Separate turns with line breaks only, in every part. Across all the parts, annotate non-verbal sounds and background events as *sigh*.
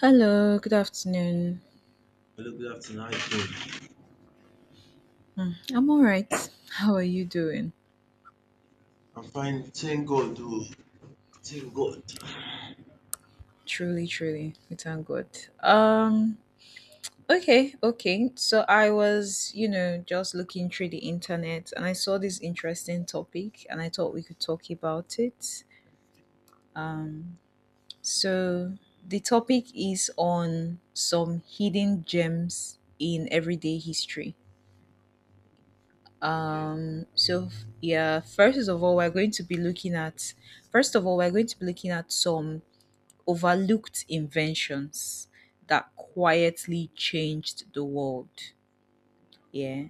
Hello, good afternoon.
Hello, good afternoon. How you doing?
Mm, I'm all right. How are you doing?
I'm fine. Thank God. Oh, thank God.
Truly, truly, we thank God. Um, okay, okay. So I was, you know, just looking through the internet and I saw this interesting topic and I thought we could talk about it. Um, so the topic is on some hidden gems in everyday history.
Okay.
Yeah, first of all, we're going to be looking at first of all, we're going to be looking at some overlooked inventions that quietly changed the world. Yeah.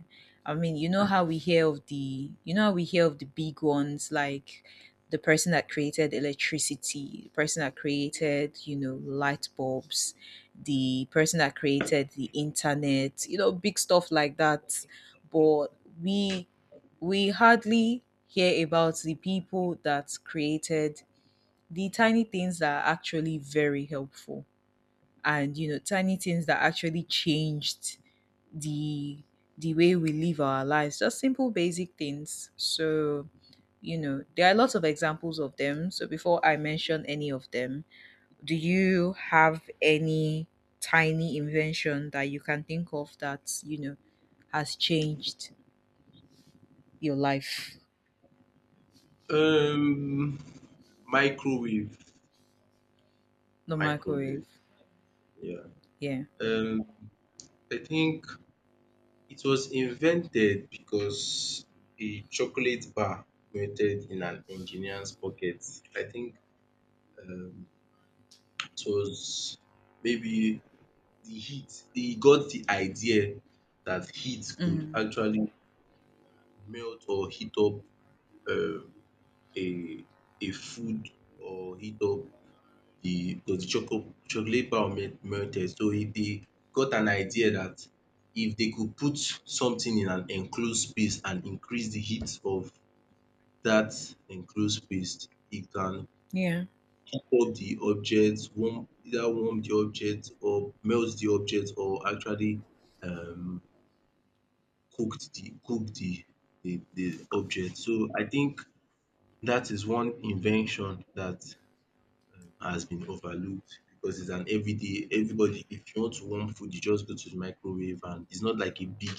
I mean, you know how we hear of the big ones like the person that created electricity, the person that created, you know, light bulbs, the person that created the internet, you know, big stuff like that. But we we hardly hear about the people that created the tiny things that are actually very helpful, and you know, tiny things that actually changed the the way we live our lives, just simple basic things. So you know, there are lots of examples of them. So before I mention any of them, do you have any tiny invention that you can think of that, you know, has changed your life?
Um, microwave.
The microwave.
Microwave. Yeah.
Yeah.
Um, I think it was invented because a chocolate bar melted in an engineer's pocket. I think um, it was maybe the heat. He got the idea that heat could
mm.
actually melt or heat up uh, a a food or heat up the because the chocolate bar melted so e dey got an idea that if they could put something in an enclosed space and increase the heat of that enclosed space it can
Yeah,
heat up the object warm either warm the object or melt the object or actually um cook the the object. So I think that is one invention that has been overlooked, because it's an everyday everybody if you want to warm food you just go to the microwave, and it's not like a big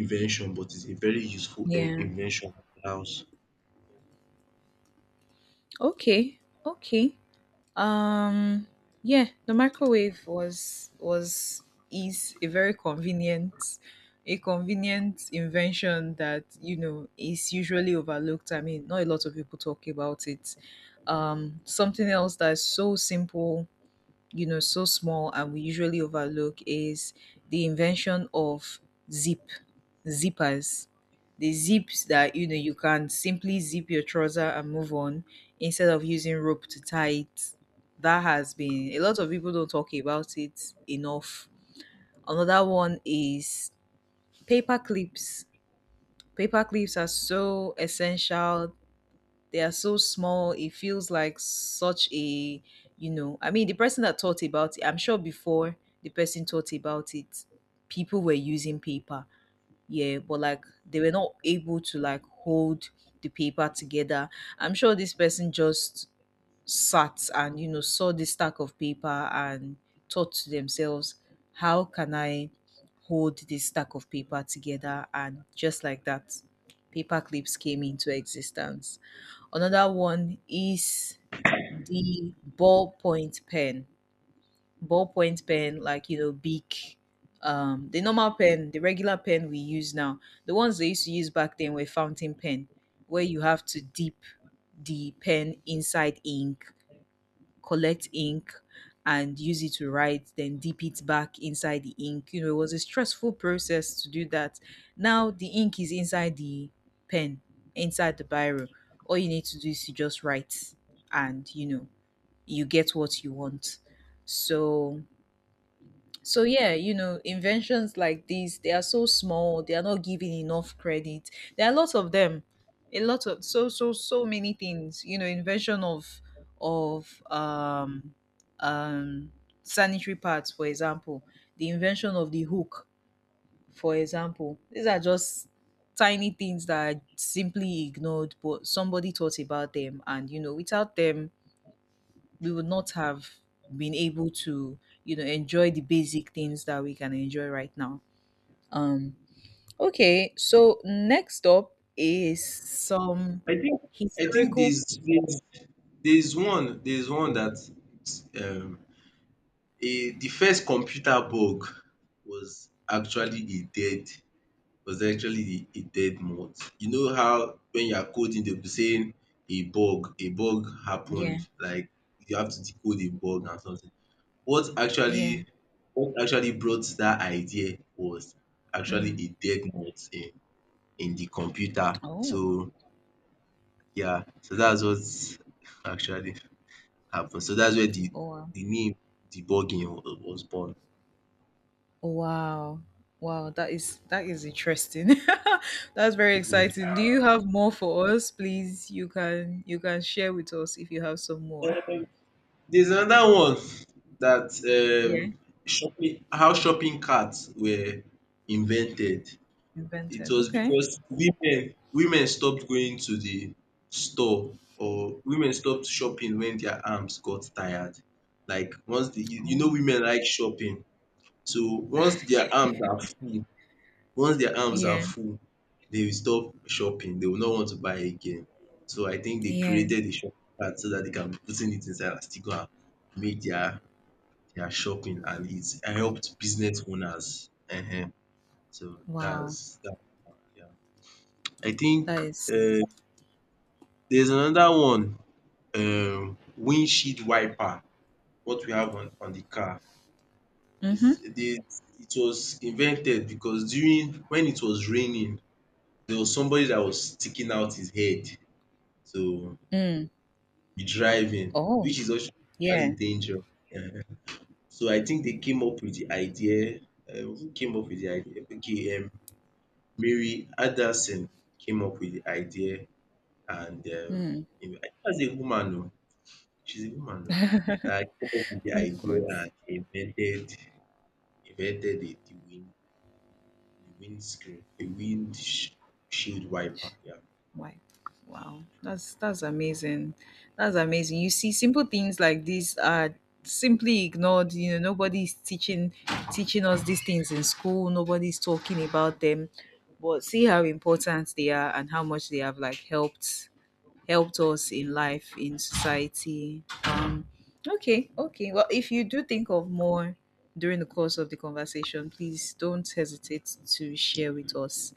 invention but it's a very useful
yeah.
invention in the house.
Okay, okay. Um, yeah, the microwave was is a very convenient, a convenient invention that, you know, is usually overlooked. I mean, not a lot of people talk about it. Something else that's so simple, you know, so small, and we usually overlook is the invention of zip zippers, the zips that, you know, you can simply zip your trouser and move on instead of using rope to tie it. That has been, a lot of people don't talk about it enough. Another one is paper clips. Paper clips are so essential. They are so small. It feels like such a, you know, I mean, the person that thought about it, I'm sure before the person thought about it, people were using paper. Yeah, but like they were not able to like hold the paper together. I'm sure this person just sat and, you know, saw this stack of paper and thought to themselves, how can I hold this stack of paper together? And just like that, paper clips came into existence. Another one is the ballpoint pen. Ballpoint pen, like you know, big, the normal pen, the regular pen we use now. The ones they used to use back then were fountain pen, where you have to dip the pen inside ink, collect ink, and use it to write, then dip it back inside the ink. You know, it was a stressful process to do that. Now the ink is inside the pen, inside the biro. All you need to do is to just write, and you know, you get what you want. So so yeah, you know, inventions like these, they are so small, they are not given enough credit. There are lots of them. A lot of, many things, you know, invention of of um um sanitary pads, for example, the invention of the hook, for example. These are just tiny things that are simply ignored, but somebody thought about them, and you know, without them we would not have been able to, you know, enjoy the basic things that we can enjoy right now. um okay, so next up is some
I think I think
historical,
there's one that um a the first computer bug was actually a dead was actually a dead moth. You know how when you are coding they'll be saying a bug
yeah,
happened, like you have to decode a bug and something. What
yeah.
actually what actually brought that idea was actually
mm.
a dead mouse in the computer.
Oh,
So yeah, so that's what *laughs* actually happened. So that's where
oh wow.
the name debugging was born.
Oh, wow, wow, that is, that is interesting. *laughs* That's very
Yeah.
exciting. Do you have more for us? Please, you can, you can share with us if you have some more.
Um, there's another one that
Yeah,
shopping carts were invented. It
invented,
was
okay.
because women stopped going to the store, or women stopped shopping when their arms got tired. Like once the you
Oh,
know women like shopping. So once their arms are full, once their arms are
yeah,
full, they will stop shopping. They will not want to buy again. So I think they
yeah,
created the shopping cart so that they can be putting it inside and still go and make their shopping, and it helped business owners. Uh huh. So
wow.
that's that. Yeah. I think
That is,
um there's another one, windshield wiper, what we have on the car.
nice.
Is
Mhm.
dey it was invented because during when it was raining there was somebody that was sticking out his head to
Mm.
be driving,
Oh,
which is actually
yeah.
dangerous. *laughs* um. So I think they came up with the idea. Who came up with the idea? Okay, Mary Anderson came up with the idea. And
Mm.
I think that's a woman o. She's a woman oh, that came up with the
Of
idea
course.
and invented the wind the windscreen the wind sh shield wiper, yeah.
Wow. Wow. That's amazing. That's amazing. You see, simple things like these are simply ignored. You know, nobody's teaching, teaching us these things in school. Nobody's talking about them. But see how important they are and how much they have like helped us in life, in society. Okay, okay. Well, if you do think of more during the course of the conversation, please don't hesitate to share with us.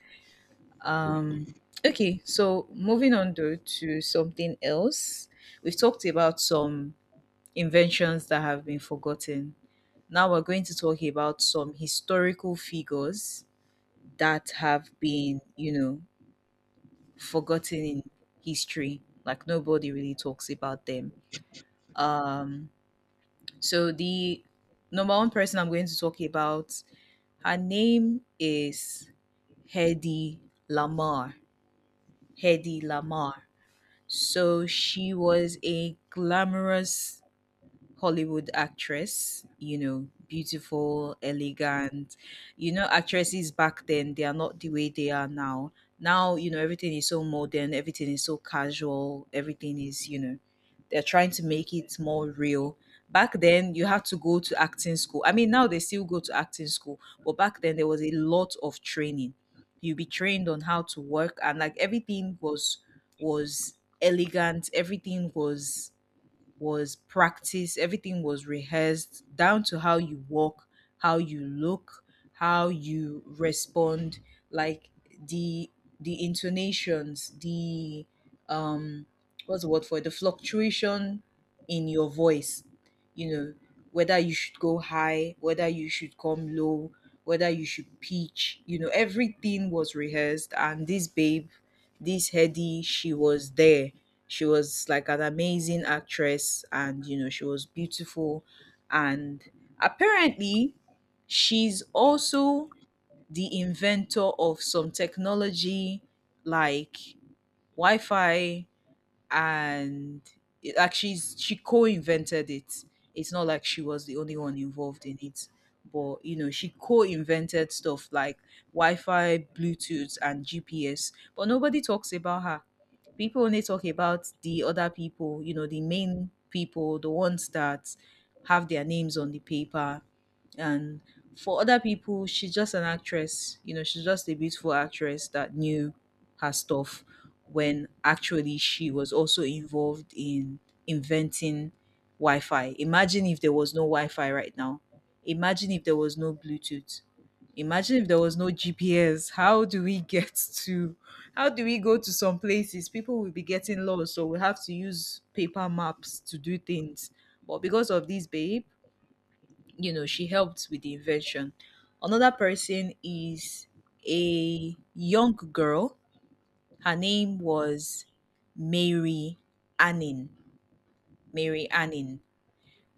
Um, okay, so moving on though to something else, we've talked about some inventions that have been forgotten. Now we're going to talk about some historical figures that have been, you know, forgotten in history. Like nobody really talks about them. Um, So the number one person I'm going to talk about, her name is Hedy Lamar. Hedy Lamar. So she was a glamorous Hollywood actress, you know, beautiful, elegant. You know, actresses back then, they are not the way they are now. Now, you know, everything is so modern, everything is so casual, everything is, you know, they're trying to make it more real. Back then, you had to go to acting school. I mean, now they still go to acting school, but back then there was a lot of training. You'll be trained on how to work, and like everything was elegant. Everything was practiced, everything was rehearsed down to how you walk, how you look, how you respond, like the the intonations, the um what's the word for it? The fluctuation in your voice, you know, whether you should go high, whether you should come low, whether you should pitch, you know, everything was rehearsed. And this babe, this Hedy, she was there, she was like an amazing actress, and you know, she was beautiful, and apparently she's also the inventor of some technology like Wi-Fi, and it, like she co-invented it. It's not like she was the only one involved in it, but you know she co-invented stuff like Wi-Fi, Bluetooth, and GPS. But nobody talks about her. People only talk about the other people. You know, the main people, the ones that have their names on the paper, and for other people, she's just an actress. You know, she's just a beautiful actress that knew her stuff, when actually she was also involved in inventing Wi-Fi. Imagine if there was no Wi-Fi right now. Imagine if there was no Bluetooth. Imagine if there was no GPS. How do we go to some places? People will be getting lost, so we have to use paper maps to do things. But because of this babe, you know, she helped with the invention. Another person is a young girl, her name was Mary Anning. Mary Anning.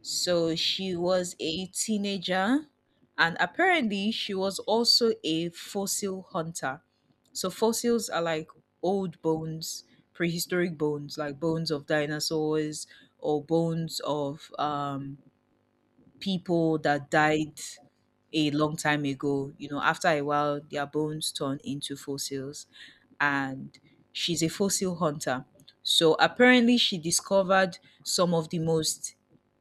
So she was a teenager, and apparently she was also a fossil hunter. So fossils are like old bones, prehistoric bones, like bones of dinosaurs or bones of people that died a long time ago. You know, after a while, their bones turn into fossils, and she's a fossil hunter. So apparently, she discovered some of the most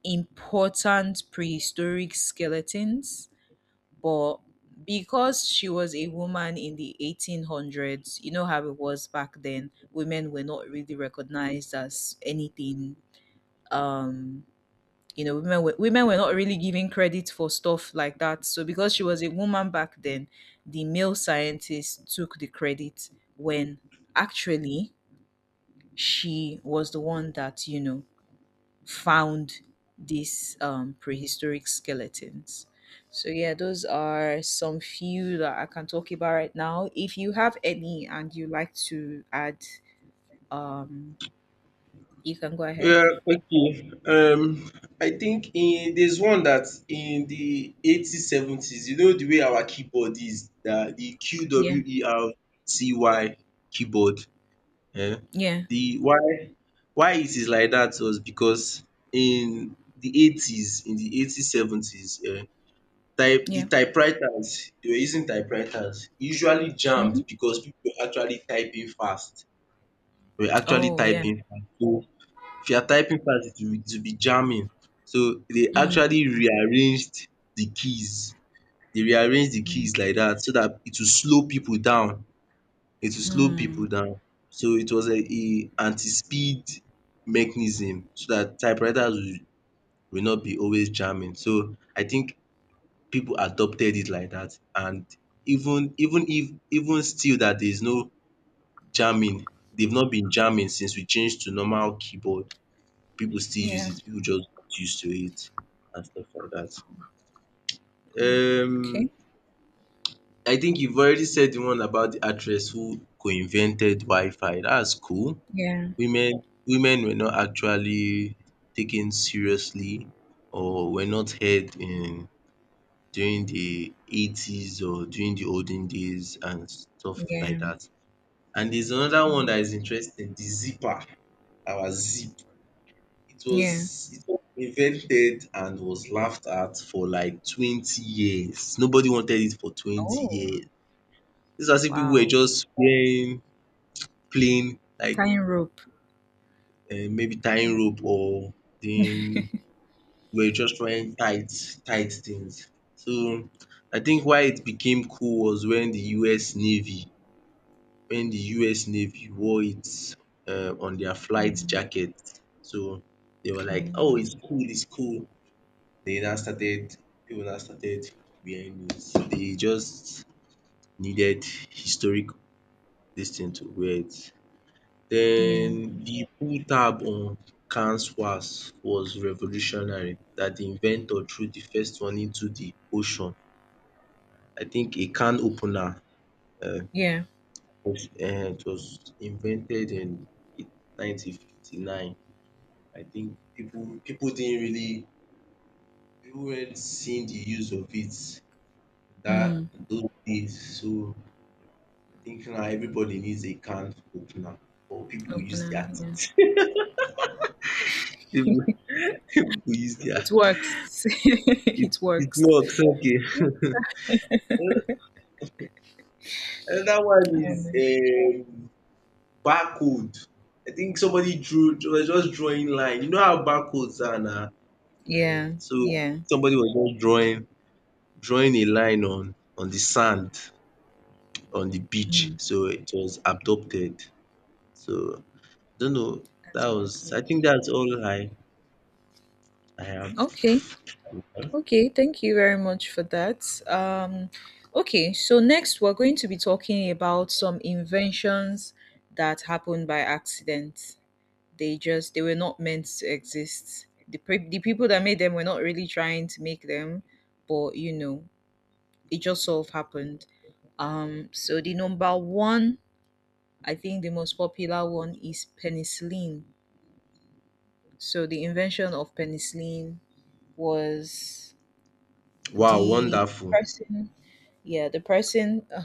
important prehistoric skeletons, but because she was a woman in the 1800s, you know how it was back then, women were not really recognized as anything. Um, you know, women were not really given credit for stuff like that. So because she was a woman back then, the male scientist took the credit when actually she was the one that, you know, found these prehistoric skeletons. So yeah, those are some few that I can talk about right now. If you have any and you like to add, um you can go ahead.
Yeah, okay. I think in there's one that in the 80s, seventies, you know the way our keyboard is, the Q
Yeah,
W E R T Y keyboard. Eh?
yeah,
The why it is like that was because in the 80s, seventies, eh,
yeah.
typewriters, they were using typewriters, usually
Hmm.
jammed because people were actually typing fast. They were actually
Oh, yeah.
typing fast. So if you are typing fast, it will be jamming. So they
mm.
actually rearranged the keys. They rearranged the keys like that so that it will slow people down. It will slow people
Mm.
down. So it was a anti-speed mechanism so that typewriters will not be always jamming. So I think people adopted it like that. And even still that there's no jamming, they've not been jamming since we changed to normal keyboard. People still use
Yeah.
it. People just got used to it and stuff like that.
Mm. Okay.
Um, I think you've already said the one about the actress who co-invented Wi-Fi. That's cool.
Yeah.
Women Women were not actually taken seriously or were not heard in during the 80s or during the olden days and stuff like
Yeah.
that. And there's another one
Mm.
that is interesting, the zipper, our zip. It
Yeah.
was invented and was laughed at for like 20 years. Nobody wanted it for twenty
Oh,
years. It's as if people were
wow.
just wearing plain, like
Tying rope. *laughs*
maybe tying rope, or then are just wearing tight things. So I think why it became cool was when the US Navy, when the US Navy wore it on their flight
Mm.
jacket. So they were like,
Oh,
“oh it's cool, it's cool,” they now started, people now started wearing it. So they just needed historic dis thing to wear it.
yeah.
Den de pull tab on cans was revolutionary, that de inventor threw the first one into the ocean. I think a can opener um
Yeah.
was it was invented in 1959. I think people didn't really, people weren't seeing the use of it that
Mm.
those days. So I think now everybody needs a can opener, or people use
Opener.
their
Yeah.
teeth. People People use their
It works. *laughs*
it,
It
it
works.
works okay. *laughs* Another one is
Um,
barcode. I think somebody drew was just drawing line. You know how barcodes are now.
yeah.
So
Yeah.
somebody was just drawing a line on the sand on the beach,
Mm.
so it was adopted. So I don't know,
That's
that was I think
backwards.
that's all I have.
Okay. Okay. Thank you very much for that. Okay. So, next, we're going to be talking about some inventions that happened by accident. They just, they were not meant to exist. The people that made them were not really trying to make them, but you know, it just sort of happened. So the number one, I think the most popular one is penicillin. So the invention of penicillin was
Wow,
the
wonderful.
person, yeah, the person